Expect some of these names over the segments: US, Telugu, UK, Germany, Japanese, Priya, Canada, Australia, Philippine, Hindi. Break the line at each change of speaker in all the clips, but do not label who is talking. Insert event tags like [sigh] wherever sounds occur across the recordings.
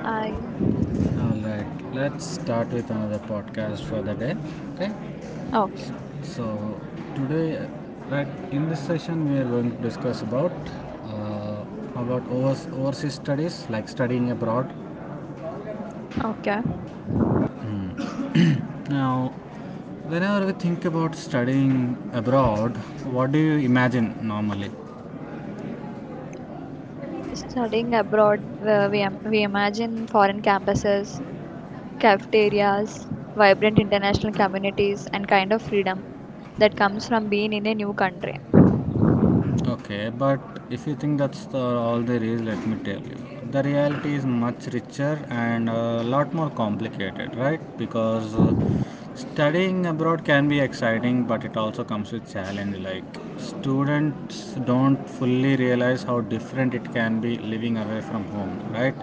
I
All right. Let's start with another podcast for the day. Okay.
okay,
So today, right in this session, we are going to discuss about uh, about overseas studies, like studying abroad.
okay.
Now, whenever we think about studying abroad, what do you imagine normally?
Studying abroad, we imagine foreign campuses, cafeterias, vibrant international communities, and kind of freedom that comes from being in a new country.
Okay, but if you think that's all there is, let me tell you. The reality is much richer and a lot more complicated, right? Because studying abroad can be exciting, but it also comes with challenge. Like students don't fully realize how different it can be living away from home, right?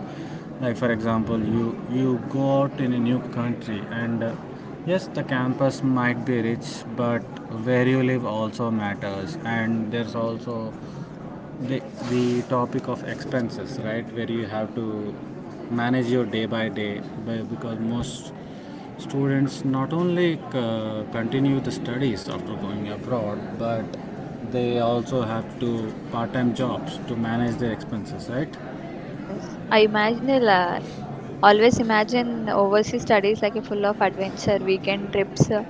Like for example, you go out in a new country and yes, the campus might be rich, but where you live also matters. And there's also the, the topic of expenses, right? Where you have to manage your day by day because most students not only continue the studies after going abroad, but they also have to part time jobs to manage their expenses, right?
Yes, I imagine a la- always imagine overseas studies like a full of adventure, weekend trips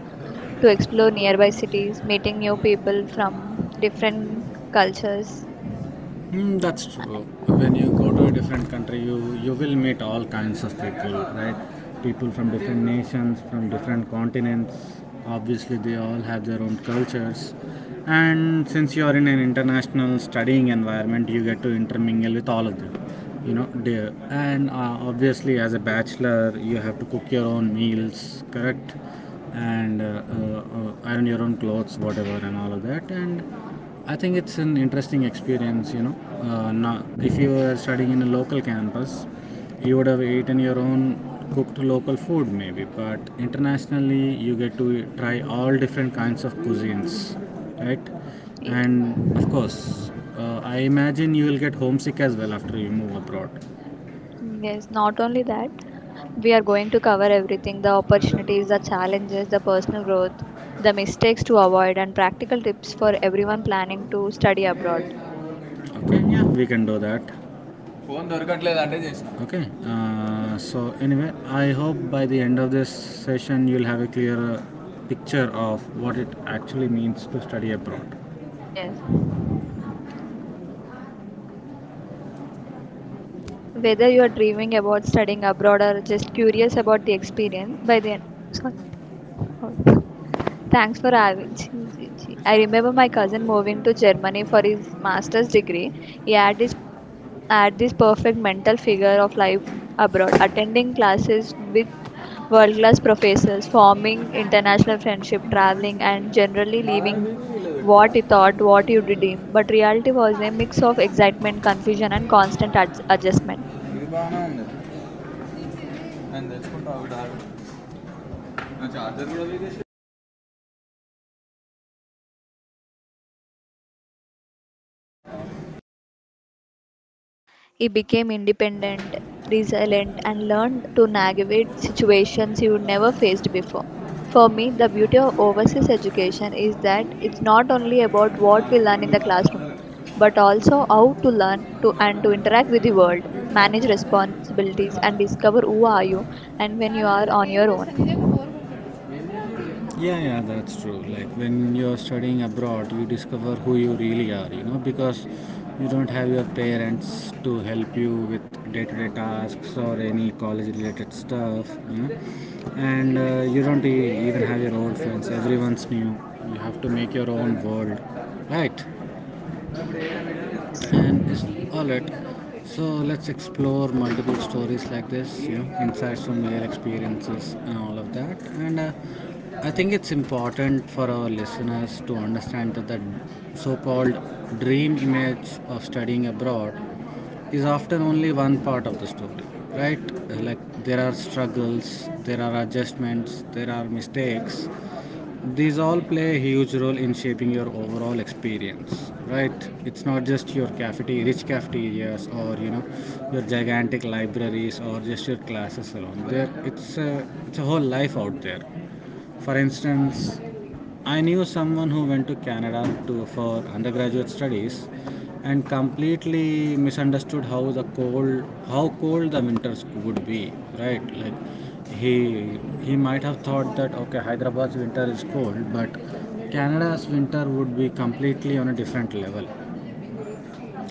to explore nearby cities, meeting new people from different cultures,
Mm, that's true.
and
When you go to a different country, you will meet all kinds of people, right? People from different nations, from different continents. Obviously, they all have their own cultures. And since you are in an international studying environment, you get to intermingle with all of them. You know, dear. And obviously, as a bachelor, you have to cook your own meals, correct? And iron your own clothes, whatever, and all of that. And I think it's an interesting experience, you know. Now, if you were studying in a local campus, you would have eaten your own cooked local food, maybe. But internationally, you get to try all different kinds of cuisines, right?
yeah,
And of course, I imagine you will get homesick as well after you move abroad.
yes, not only that, we are going to cover everything the opportunities, the challenges, the personal growth, the mistakes to avoid, and practical tips for everyone planning to study abroad.
Okay, yeah, we can do that. Okay. So anyway, I hope by the end of this session, you'll have a clear picture of what it actually means to study abroad.
Yes. Whether you are dreaming about studying abroad or just curious about the experience, by the end. Sorry. Oh. Thanks for having. [laughs] Chee, chee, chee. I remember my cousin moving to Germany for his master's degree. He had his at this perfect mental figure of life abroad, attending classes with world class professors, forming international friendship, traveling, and generally
నాదాని
leaving
మీద ఇలా పెట్టుకోరా,
what you thought, what you dreamed. But reality was a mix of excitement, confusion, and constant adjustment.
ఇది బాగానే ఉంది. నేను తెచ్చుకుంటా, ఆవిడ నా చార్జర్ కూడా వేసి.
He became independent, resilient, and learned to navigate situations he would never faced before. For me, the beauty of overseas education is that it's not only about what we learn in the classroom, but also how to learn to and to interact with the world, manage responsibilities, and discover who are you and when you are on your own.
Yeah, yeah, that's true. Like when you're studying abroad, you discover who you really are, you know, because you don't have your parents to help you with day to day tasks or any college related stuff, you know, and you don't even have your old friends, everyone's new. You have to make your own world, right?
Yes,
And it's all it. So let's explore multiple stories like this, you know, insights from real experiences and all of that. And I think it's important for our listeners to understand that the so-called dream image of studying abroad is often only one part of the story, right? Like there are struggles, there are adjustments, there are mistakes, these all play a huge role in shaping your overall experience, right? It's not just your cafeteria, rich cafeterias, or you know, your gigantic libraries, or just your classes alone there. It's a whole life out there. For instance, I knew someone who went to Canada to for undergraduate studies and completely misunderstood how cold the winters would be, right? Like he might have thought that okay, Hyderabad's winter is cold, but Canada's winter would be completely on a different level.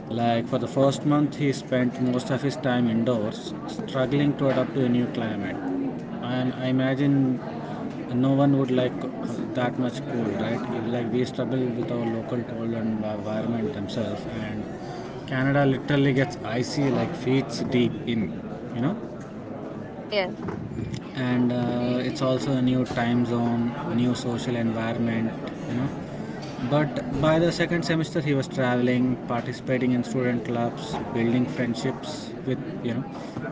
Like for the first month, he spent most of his time indoors, struggling to adapt to a new climate. And I imagine no one would like that much cold, right? Like we struggle with our local cold and environment themselves, and Canada literally gets icy, like feet deep in, you know.
yes.
And it's also a new time zone, new social environment, you know. But by the second semester he was traveling, participating in student clubs, building friendships with, you know,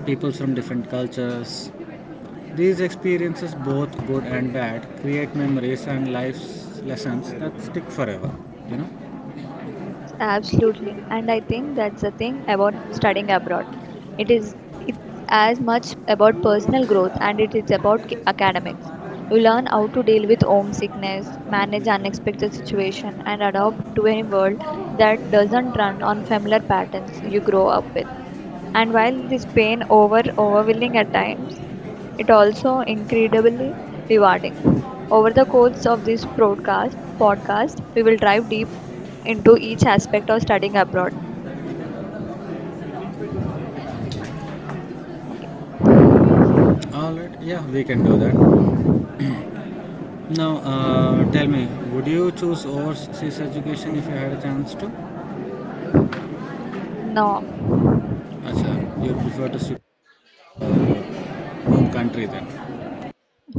people from different cultures. These experiences, both good and bad, create memories and life's lessons that stick forever, you know.
Yes, absolutely. And I think that's the thing about studying abroad. It's as much about personal growth and it is about academics. You learn how to deal with homesickness, manage unexpected situation and adapt to a world that doesn't run on familiar patterns you grow up with. And while this pain overwhelming at times, it also incredibly rewarding. Over the course of this broadcast podcast, we will dive deep into each aspect of studying abroad. Okay.
All right, yeah, we can do that. Now tell me, would you choose overseas education if you had a chance to?
No.
Acha, you prefer to
Okay.
stick uh, home country then.
Yes.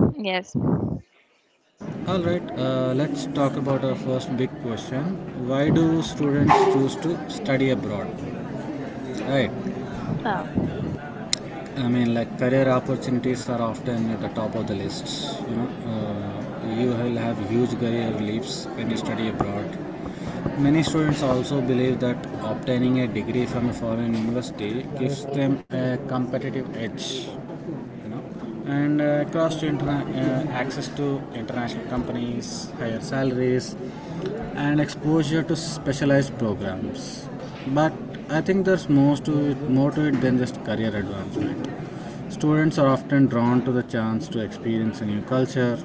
All right, let's talk about our first big question. Why do
Okay.
students choose to study abroad? Right,
Uh,
I mean, like career opportunities are often at the top of the lists. You know, you will have huge career leaps when you study abroad. Many students also believe that obtaining a degree from a foreign university gives them a competitive edge, you know. And access to international companies, higher salaries, and exposure to specialized programs. But I think there's more to it than just career advancement. Students are often drawn to the chance to experience a new culture,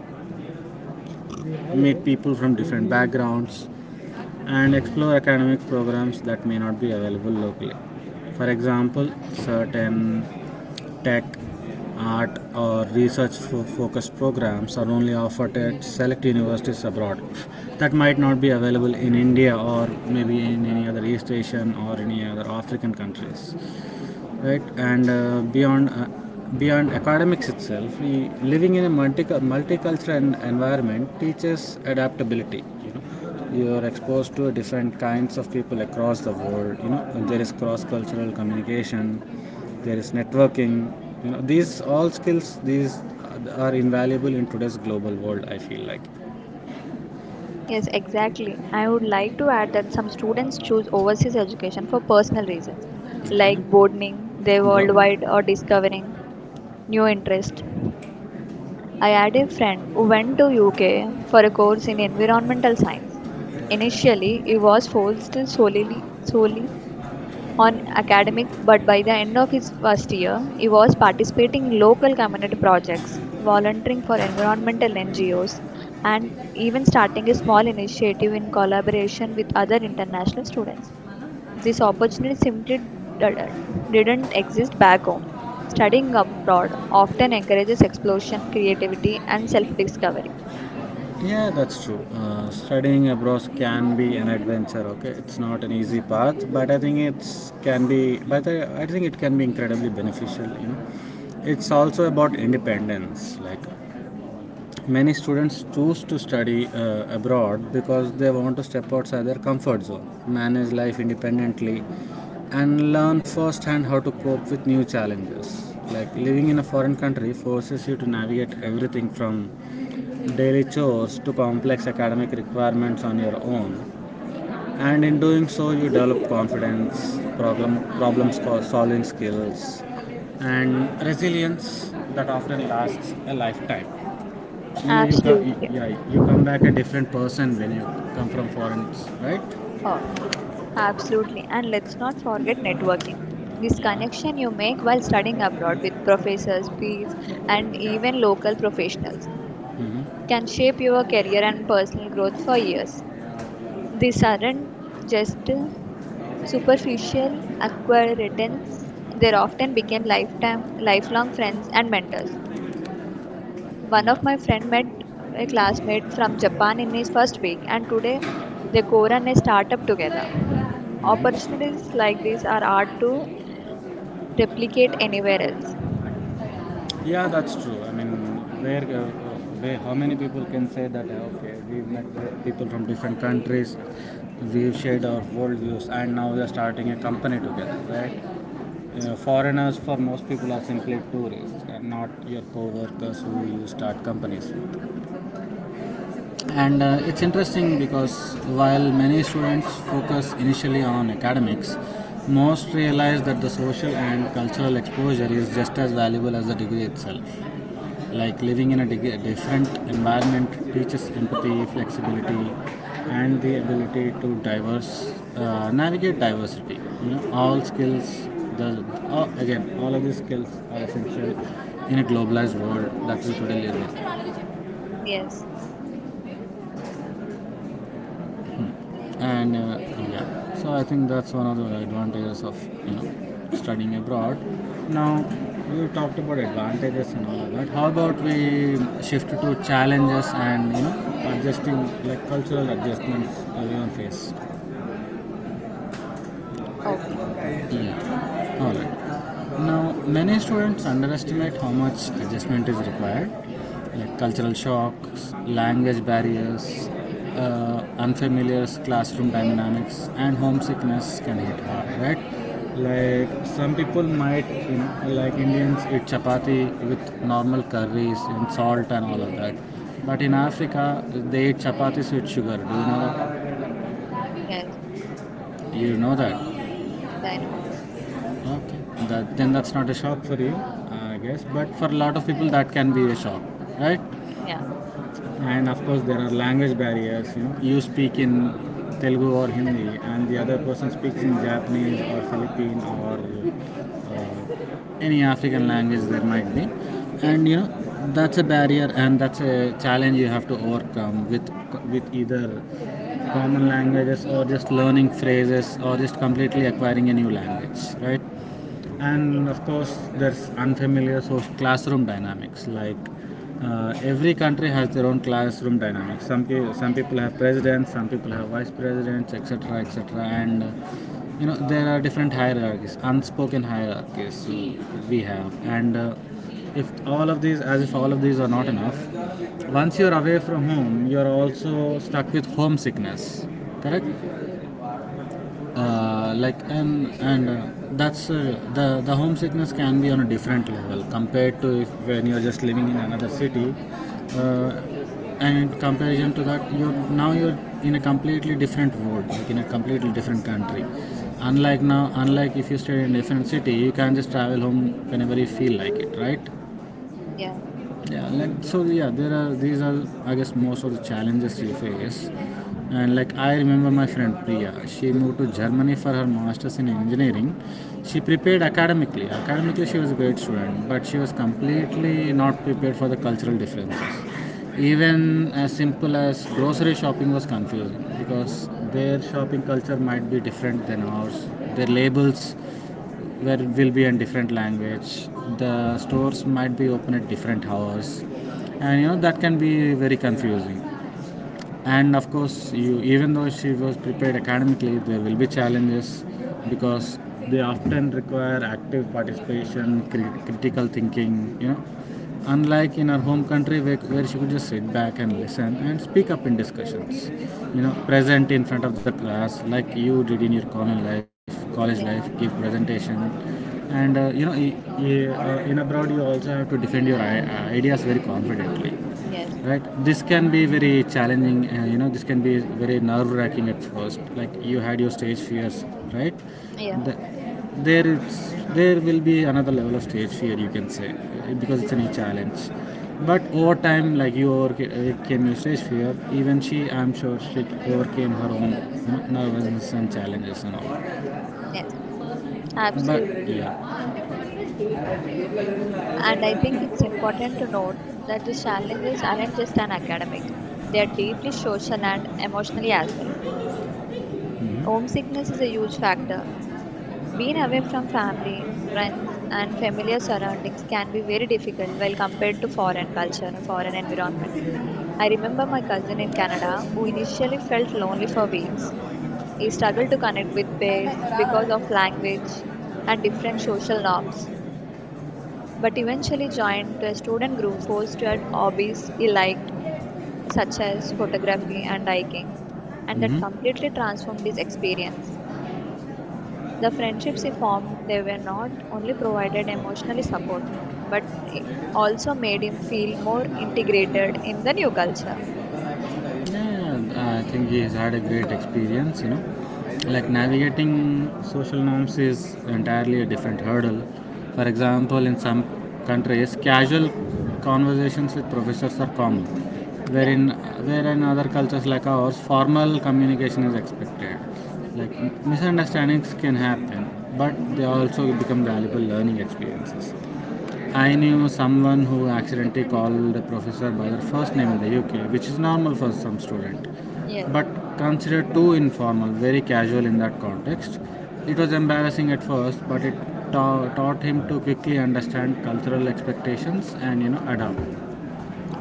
meet people from different backgrounds, and explore academic programs that may not be available locally. For example, certain tech, art, or research focused programs are only offered at select universities abroad, that might not be available in India or maybe in any other East Asian or any other African countries, right? And beyond academics itself, living in a multicultural environment teaches adaptability, you know. You are exposed to different kinds of people across the world, you know. There is cross cultural communication, there is networking, you know, these all skills these are invaluable in today's global world, I feel like.
Yes, exactly. I would like to add that some students choose overseas education for personal reasons, like
Okay.
broadening their worldwide
Bro-
or discovering new interest. I had a friend who went to UK for a course in environmental science. Initially, he was focused solely on academics, but by the end of his first year, he was participating in local community projects, volunteering for environmental NGOs, and even starting a small initiative in collaboration with other international students. This opportunity simply didn't exist back home. Studying abroad often encourages exploration, creativity, and self-discovery.
Yeah, that's true. Studying abroad can be an adventure. Okay, it's not an easy path, but I think it can be incredibly beneficial. You know, it's also about independence. Like many students choose to study abroad because they want to step outside their comfort zone, manage life independently, and learn firsthand how to cope with new challenges. Like living in a foreign country forces you to navigate everything from daily chores to complex academic requirements on your own, and in doing so you develop confidence, problem solving skills, and resilience that often lasts a lifetime, you know. You come,
Absolutely.
yeah, you come back a different person when you come from foreign, right?
Oh, absolutely. And let's not forget networking. This
Yeah,
connection you make while studying abroad with professors, peers, and even local professionals can shape your career and personal growth for years. These aren't just superficial acquaintances, they often became lifelong friends and mentors. One
yeah,
of my friend met a classmate from Japan in his first week, and today they co-run a startup together.
hmm,
Opportunities like these are hard to replicate anywhere else.
yeah. That's true. I mean, where, uh, how many people can say that? Okay, we met with people from different countries. We've shared our worldviews, and now we are starting a company together, right?
Yes,
Foreigners, for most people, are simply tourists, and not your co-workers who you start companies with. And it's interesting because while many students focus initially on academics, most realize that the social and cultural exposure is just as valuable as the degree itself. Like living in a different environment teaches empathy, flexibility, and the ability to diverse navigate diversity, you know. All skills the all, Again, all of these skills are essential in a globalized world that we today live in.
yes,
And yeah, so I think that's one of the advantages of, you know, studying abroad. Now we talked about advantages and all of that. How about we shift to challenges and, you know, adjusting, like cultural adjustments everyone face?
okay,
Yeah. All right. Now, many students underestimate how much adjustment is required, like cultural shocks, language barriers, unfamiliar classroom dynamics, and homesickness can hit hard, right? Like some people might, in, like Indians, eat chapati with normal curries and salt and all of that. But in Africa, they eat chapatis with sugar. Do you know that?
yes,
You know that.
yes, I know.
Okay, that, then that's not a shock for you, I guess. But for a lot of people, that can be a shock, right?
Yeah,
And of course, there are language barriers. You know, you speak in Telugu or Hindi, and the other person speaks in Japanese or Philippine or any African language there might be,
yes,
and you know that's a barrier and that's a challenge you have to overcome with either common languages or just learning phrases or just completely acquiring a new language, right?
yeah,
And of course there's unfamiliar so classroom dynamics. Like every country has their own classroom dynamics. Some people have presidents, some people have vice presidents, etc etc. and You know, there are different hierarchies, unspoken hierarchies we have. And If all of these as if all of these are not enough, once you're away from home you're also stuck with homesickness, correct.
yes,
Like and That's the homesickness can be on a different level compared to if when you're just living in another city. uh, and in comparison to that, you're in a completely different world, like in a completely different country. Unlike now, unlike if you stay in a different city, you can just travel home whenever you feel like it, right?
yeah,
Yeah. There are These are, I guess, most of the challenges you face. And like, I remember my friend Priya, she moved to Germany for her masters in engineering. She prepared academically. She was a great student, but she was completely not prepared for the cultural differences. Even as simple as grocery shopping was confusing, because their shopping culture might be different than ours. Their labels, where it will be in different language. The stores might be open at different hours, and you know, that can be very confusing. And of course, you even though she was prepared academically, there will be challenges, because they often require active participation, critical thinking, you know. Unlike in our home country, where she could just sit back and listen and speak up in discussions, you know, present in front of the class like you did in your college life, give
yeah,
presentation. And You know, in abroad you also have to defend your ideas very confidently,
yes,
right? This can be very challenging, you know, this can be very nerve wracking at first. Like you had your stage fears, right?
yeah,
the, there is there will be another level of stage fear, you can say, because it's a new challenge. But over time, like you overcame your stage fear, even she, I'm sure she overcame her own, you know, nervousness and challenges and all.
mm, yes,
But
absolutely.
yeah.
And I think it's important to note that these challenges aren't just an academic, they are deeply social and emotionally as well. Homesickness is a huge factor. Being away from family, friends, and familiar surroundings can be very difficult while compared to foreign culture and foreign environment. I remember my cousin in Canada who initially felt lonely for weeks. He struggled to connect with peers because of language and different social norms. But eventually joined to a student group forced to at hobbies he liked, such as photography and hiking, and that
Mm-hmm.
completely transformed his experience. The friendships he formed, they were not only provided emotionally support, but it also made him feel more integrated in the new culture.
Yeah, I think he has had a great experience, you know. Like navigating social norms is entirely a different hurdle. For example, in some countries, casual conversations with professors are common,
Yeah.
wherein, where in other cultures like ours, formal communication is expected. Like misunderstandings can happen, but they also become valuable learning experiences. I knew someone who accidentally called the professor by their first name in the UK, which is normal for some student,
Yes.
but considered too informal, very casual in that context. It was embarrassing at first, but it taught him to quickly understand cultural expectations and, you know, adapt.
Yeah.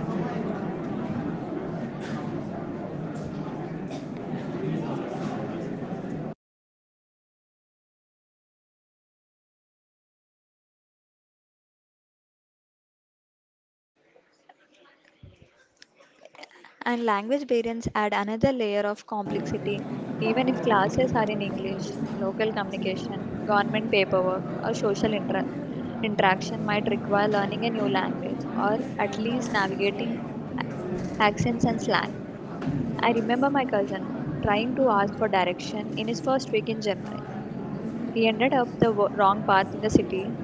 And language variants add another layer of complexity. Even if classes are in English, local communication, government paperwork, or interaction might require learning a new language or at least navigating accents and slang. I remember my cousin trying to ask for direction in his first week in Germany. He ended up the wrong path in the city.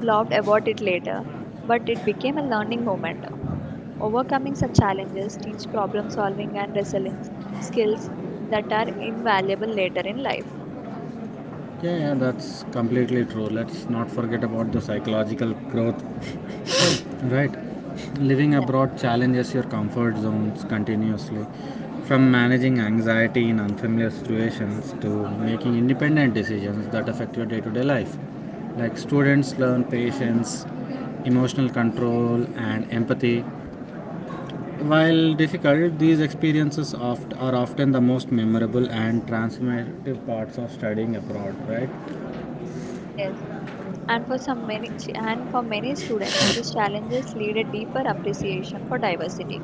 Laughed about it later, but it became a learning moment. Overcoming such challenges teach problem solving and resilience skills that are invaluable later in life.
Yeah, yeah, that's completely true. Let's not forget about the psychological growth. Right. Living
Yeah,
abroad challenges your comfort zones continuously. From managing anxiety in unfamiliar situations to making independent decisions that affect your day to day life. Like students learn patience, emotional control, and empathy. While difficult, these experiences are often the most memorable and transformative parts of studying abroad, right?
yes. And for many students, these challenges lead a deeper appreciation for diversity.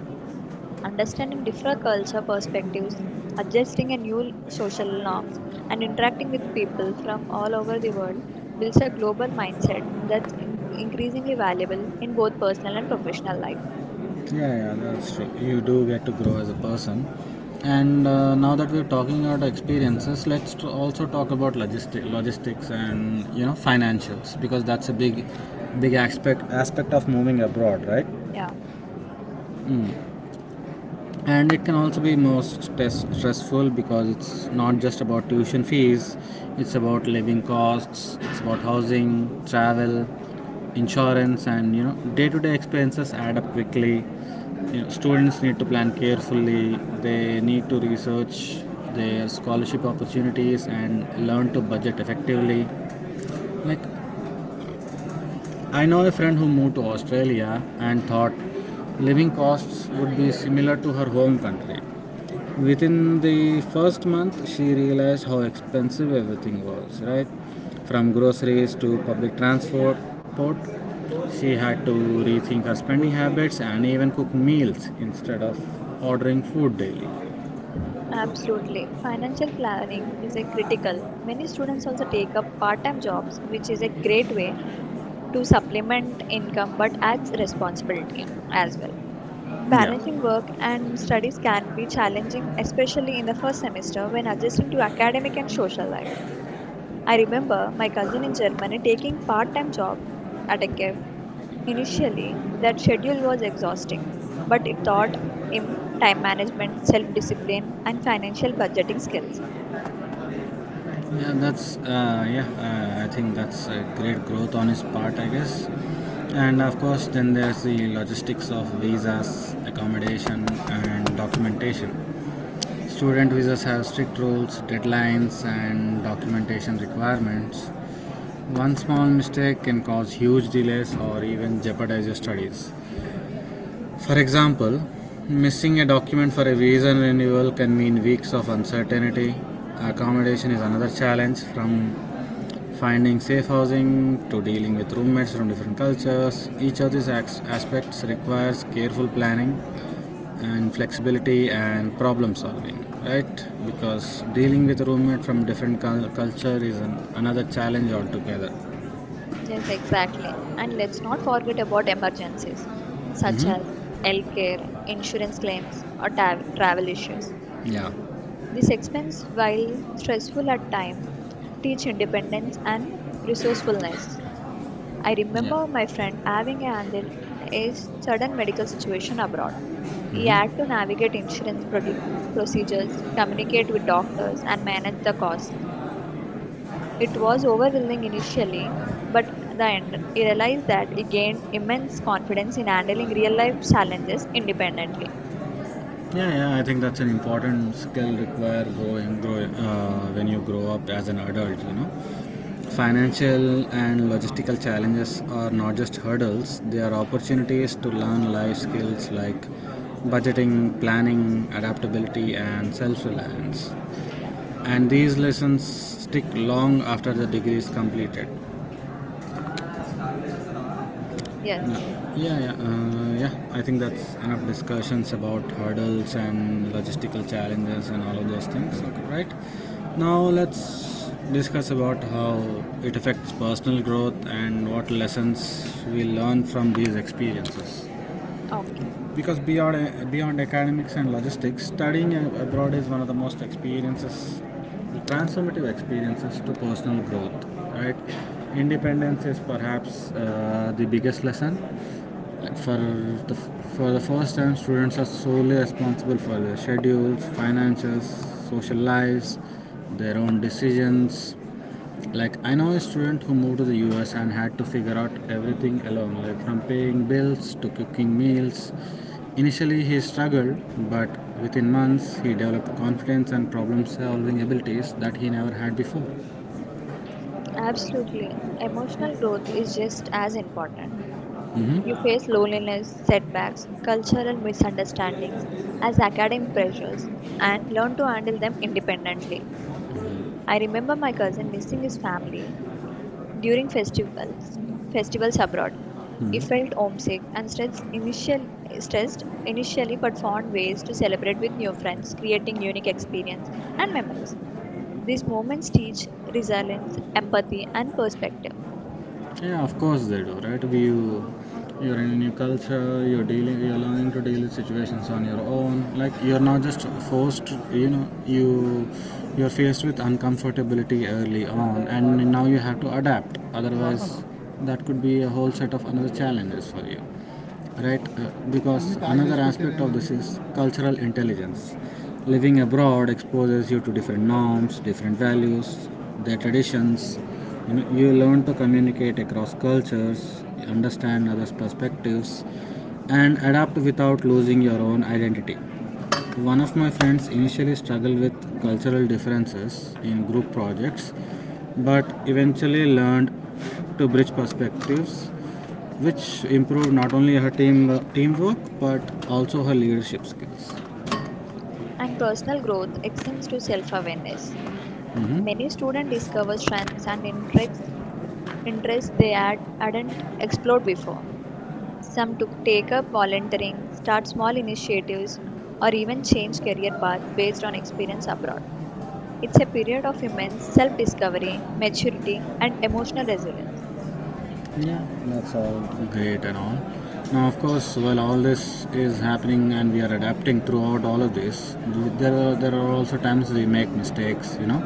Understanding different culture perspectives, adjusting a new social norms, and interacting with people from all over the world builds a global mindset that's increasingly valuable in both personal and professional life.
Yeah, yeah, that's true. You do get to grow as a person. And now that we're talking about experiences, let's also talk about logistics, and you know, financials, because that's a big, big aspect of moving abroad, right?
Yeah,
And it can also be more stressful, because it's not just about tuition fees, it's about living costs, it's about housing, travel, insurance, and you know, day-to-day expenses add up quickly. You know, students need to plan carefully, they need to research their scholarship opportunities and learn to budget effectively. Like, I know a friend who moved to Australia and thought living costs would be similar to her home country. Within the first month, she realized how expensive everything was, right? From groceries to public transport, she had to rethink her spending habits and even cook meals instead of ordering food daily.
absolutely. Financial planning is a critical. Many students also take up part-time jobs, which is a great way to supplement income but adds responsibility as well.
Yeah.
Balancing work and studies can be challenging, especially in the first semester when adjusting to academic and social life. I remember my cousin in Germany taking part-time job at a cafe. Initially, that schedule was exhausting, but it taught him time management, self-discipline, and financial budgeting skills.
Yeah, that's yeah. I think that's a great growth on his part, I guess. And of course, then there's the logistics of visas, accommodation, and documentation. Student visas have strict rules, deadlines, and documentation requirements. One small mistake can cause huge delays or even jeopardize your studies. For example, missing a document for a visa renewal can mean weeks of uncertainty. Accommodation is another challenge, from finding safe housing to dealing with roommates from different cultures. Each of these aspects requires careful planning and flexibility and problem solving, right? Because dealing with a roommate from different culture is an, another challenge altogether.
Yes, exactly. And let's not forget about emergencies such
Hmm.
as healthcare, insurance claims, or travel issues.
Yeah.
This expense, while stressful at times, teach independence and resourcefulness. I
Yeah.
remember my friend having a handle a sudden medical situation abroad. He had to
Hmm.
navigate procedures, communicate with doctors, and manage the costs. It was overwhelming initially, but at the end, he realized that he gained immense confidence in handling real life challenges independently.
Yeah, yeah, I think that's an important skill required when you grow up as an adult, you know.
Yeah,
Financial and logistical challenges are not just hurdles, they are opportunities to learn life skills like budgeting, planning, adaptability, and self reliance.
yeah,
And these lessons stick long after the degree is completed.
yes.
Yeah, yeah, yeah. I think that's enough discussions about hurdles and logistical challenges and all of those things, okay, right? Now let's discuss about how it affects personal growth and what lessons we learn from these experiences,
Okay.
because beyond beyond academics and logistics, studying abroad is one of the most experiences, the transformative experiences to personal growth. Right, independence is perhaps the biggest lesson. Like for the first time, students are solely responsible for their schedules, finances, social lives, their own decisions. Like I know a student who moved to the US and had to figure out everything alone, like from paying bills to cooking meals. Initially he struggled, but within months he developed confidence and problem solving abilities that he never had before.
Absolutely. Emotional growth is just as important. You
Hmm.
face loneliness, setbacks, cultural misunderstandings as academic pressures and learn to handle them independently. I remember my cousin missing his family during festivals abroad. He felt homesick and stressed initially but found ways to celebrate with new friends, creating unique experience and memories. These moments teach resilience, empathy and perspective.
Yeah, of course they do, right? You, you're in a new culture. You're dealing. You're learning to deal with situations on your own. Like you're not just forced. You know, you, you're faced with uncomfortability early on, and now you have to adapt. Otherwise, that could be a whole set of another challenges for you, right?
Yeah.
Because another aspect of this is cultural intelligence. Living abroad exposes you to different norms, different values, their traditions. You know, you learn to communicate across cultures, understand others' perspectives, and adapt without losing your own identity. One of my friends initially struggled with cultural differences in group projects, but eventually learned to bridge perspectives, which improved not only her teamwork but also her leadership skills.
And personal growth extends to self awareness.
Hmm.
Many students discover strengths and interests they hadn't explored before. Some to take up volunteering, start small initiatives, or even change career path based on experience abroad. It's a period of immense self discovery, maturity, and emotional resilience.
Yeah, that's all great and all. Now, of course, while all this is happening and we are adapting throughout all of this, there are also times we make mistakes, you know,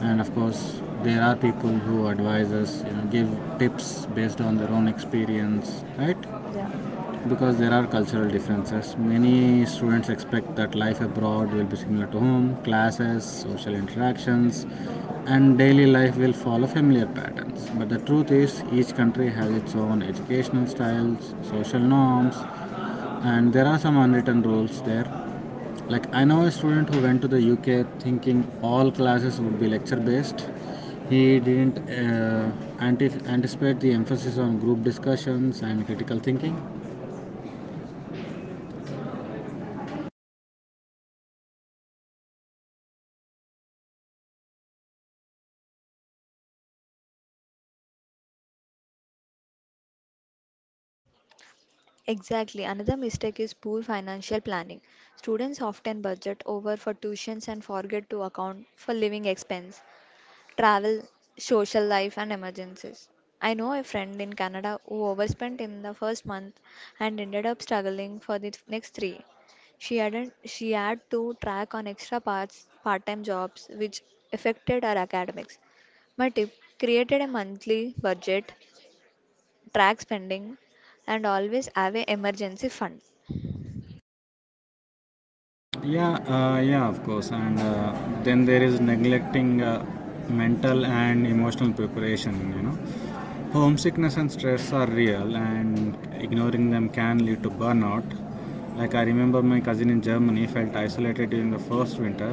and of course, there are people who advise us, you know, give tips based on their own experience, right?
Yeah.
Because there are cultural differences. Many students expect that life abroad will be similar to home, classes, social interactions, and daily life will follow familiar patterns. But the truth is, each country has its own educational styles, social norms, and there are some unwritten rules there. Like, I know a student who went to the UK thinking all classes would be lecture based. He didn't anticipate the emphasis on group discussions and critical thinking.
Exactly. Another mistake is poor financial planning. Students often budget over for tuitions and forget to account for living expense. Travel, social life, and emergencies. I know a friend in Canada who overspent in the first month and ended up struggling for the next three. She hadn't, She had to track on extra part-time jobs, which affected her academics. My tip, created a monthly budget, track spending, and always have an emergency fund.
Yeah, yeah, of course. And then there is neglecting mental and emotional preparation, you know. Homesickness and stress are real, and ignoring them can lead to burnout. Like I remember my cousin in Germany felt isolated during the first winter.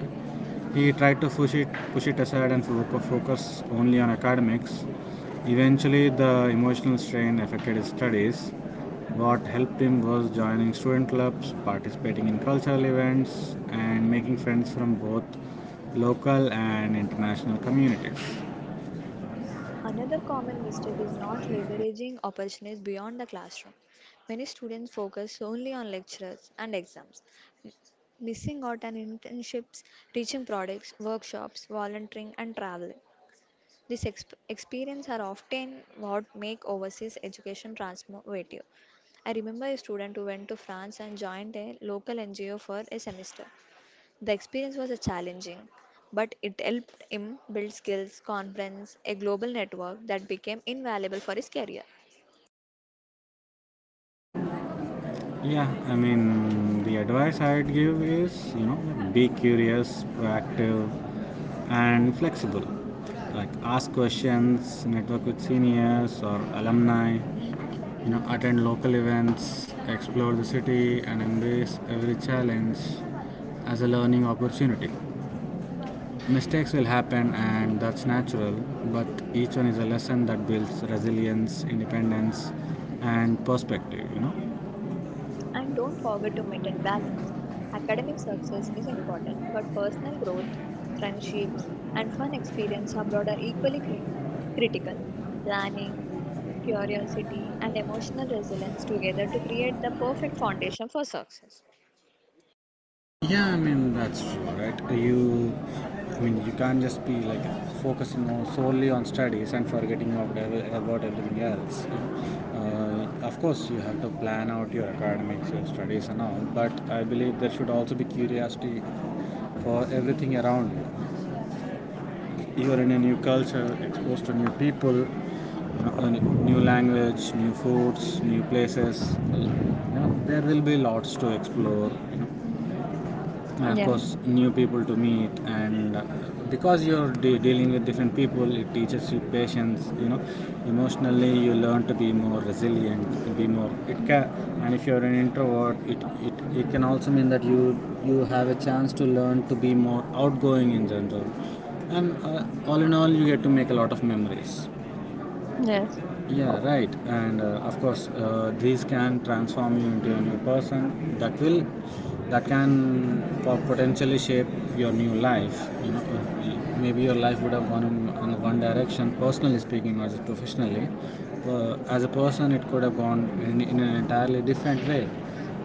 He tried to push it aside and focus only on academics. Eventually the emotional strain affected his studies. What helped him was joining student clubs, participating in cultural events, and making friends from both local and international communities.
Another common mistake is not leveraging opportunities beyond the classroom. Many students focus only on lectures and exams, missing out on internships, teaching products, workshops, volunteering, and traveling. These experiences are often what make overseas education transformative. I remember a student who went to France and joined a local NGO for a semester. The experience was challenging, but it helped him build skills, confidence, a global network that became invaluable for his career.
Yeah, I mean, the advice I'd give is, you know, like be curious, proactive, and flexible. Like ask questions, network with seniors or alumni, you know, attend local events, explore the city, and embrace every challenge as a learning opportunity. Mistakes will happen and that's natural, but each one is a lesson that builds resilience, independence, and perspective, you know.
And don't forget to maintain balance. Academic success is important, but personal growth, friendships, and fun experience abroad are equally critical. Planning, curiosity, and emotional resilience together to create the perfect foundation for success.
Yeah, I mean that's true, right? You, I mean, you can't just be like focusing on solely on studies and forgetting about about everything else. You know. Of course, you have to plan out your academics, your studies, and all. But I believe there should also be curiosity for everything around you. You are in a new culture, exposed to new people, you know, a new language, new foods, new places. You know, there will be lots to explore, and of
Yeah.
course new people to meet. And Because you're dealing with different people, it teaches you patience, you know. Emotionally you learn to be more resilient, be more, it can, and if you're an introvert, it it can also mean that you have a chance to learn to be more outgoing in general. And all in all, you get to make a lot of memories.
Yes.
Yeah, right. And of course, these can transform you into a new person. That can potentially shape your new life. You know, maybe your life would have gone in one direction. Personally speaking, not just professionally. As a person, it could have gone in an entirely different way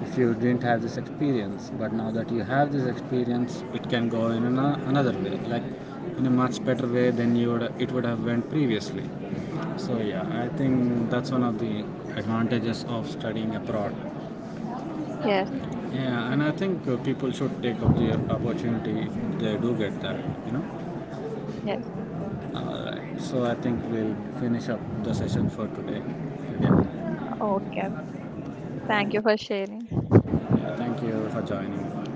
if you didn't have this experience. But now that you have this experience, it can go in an, another way, like in a much better way than you would it would have went previously. So yeah, I think that's one of the advantages of studying abroad.
Yes.
Yeah, and I think people should take up the opportunity if they do get that, you know.
Yes.
Right. So I think we'll finish up the session for today. Yeah.
Yeah. Okay. Thank you for sharing.
Yeah, thank you for joining.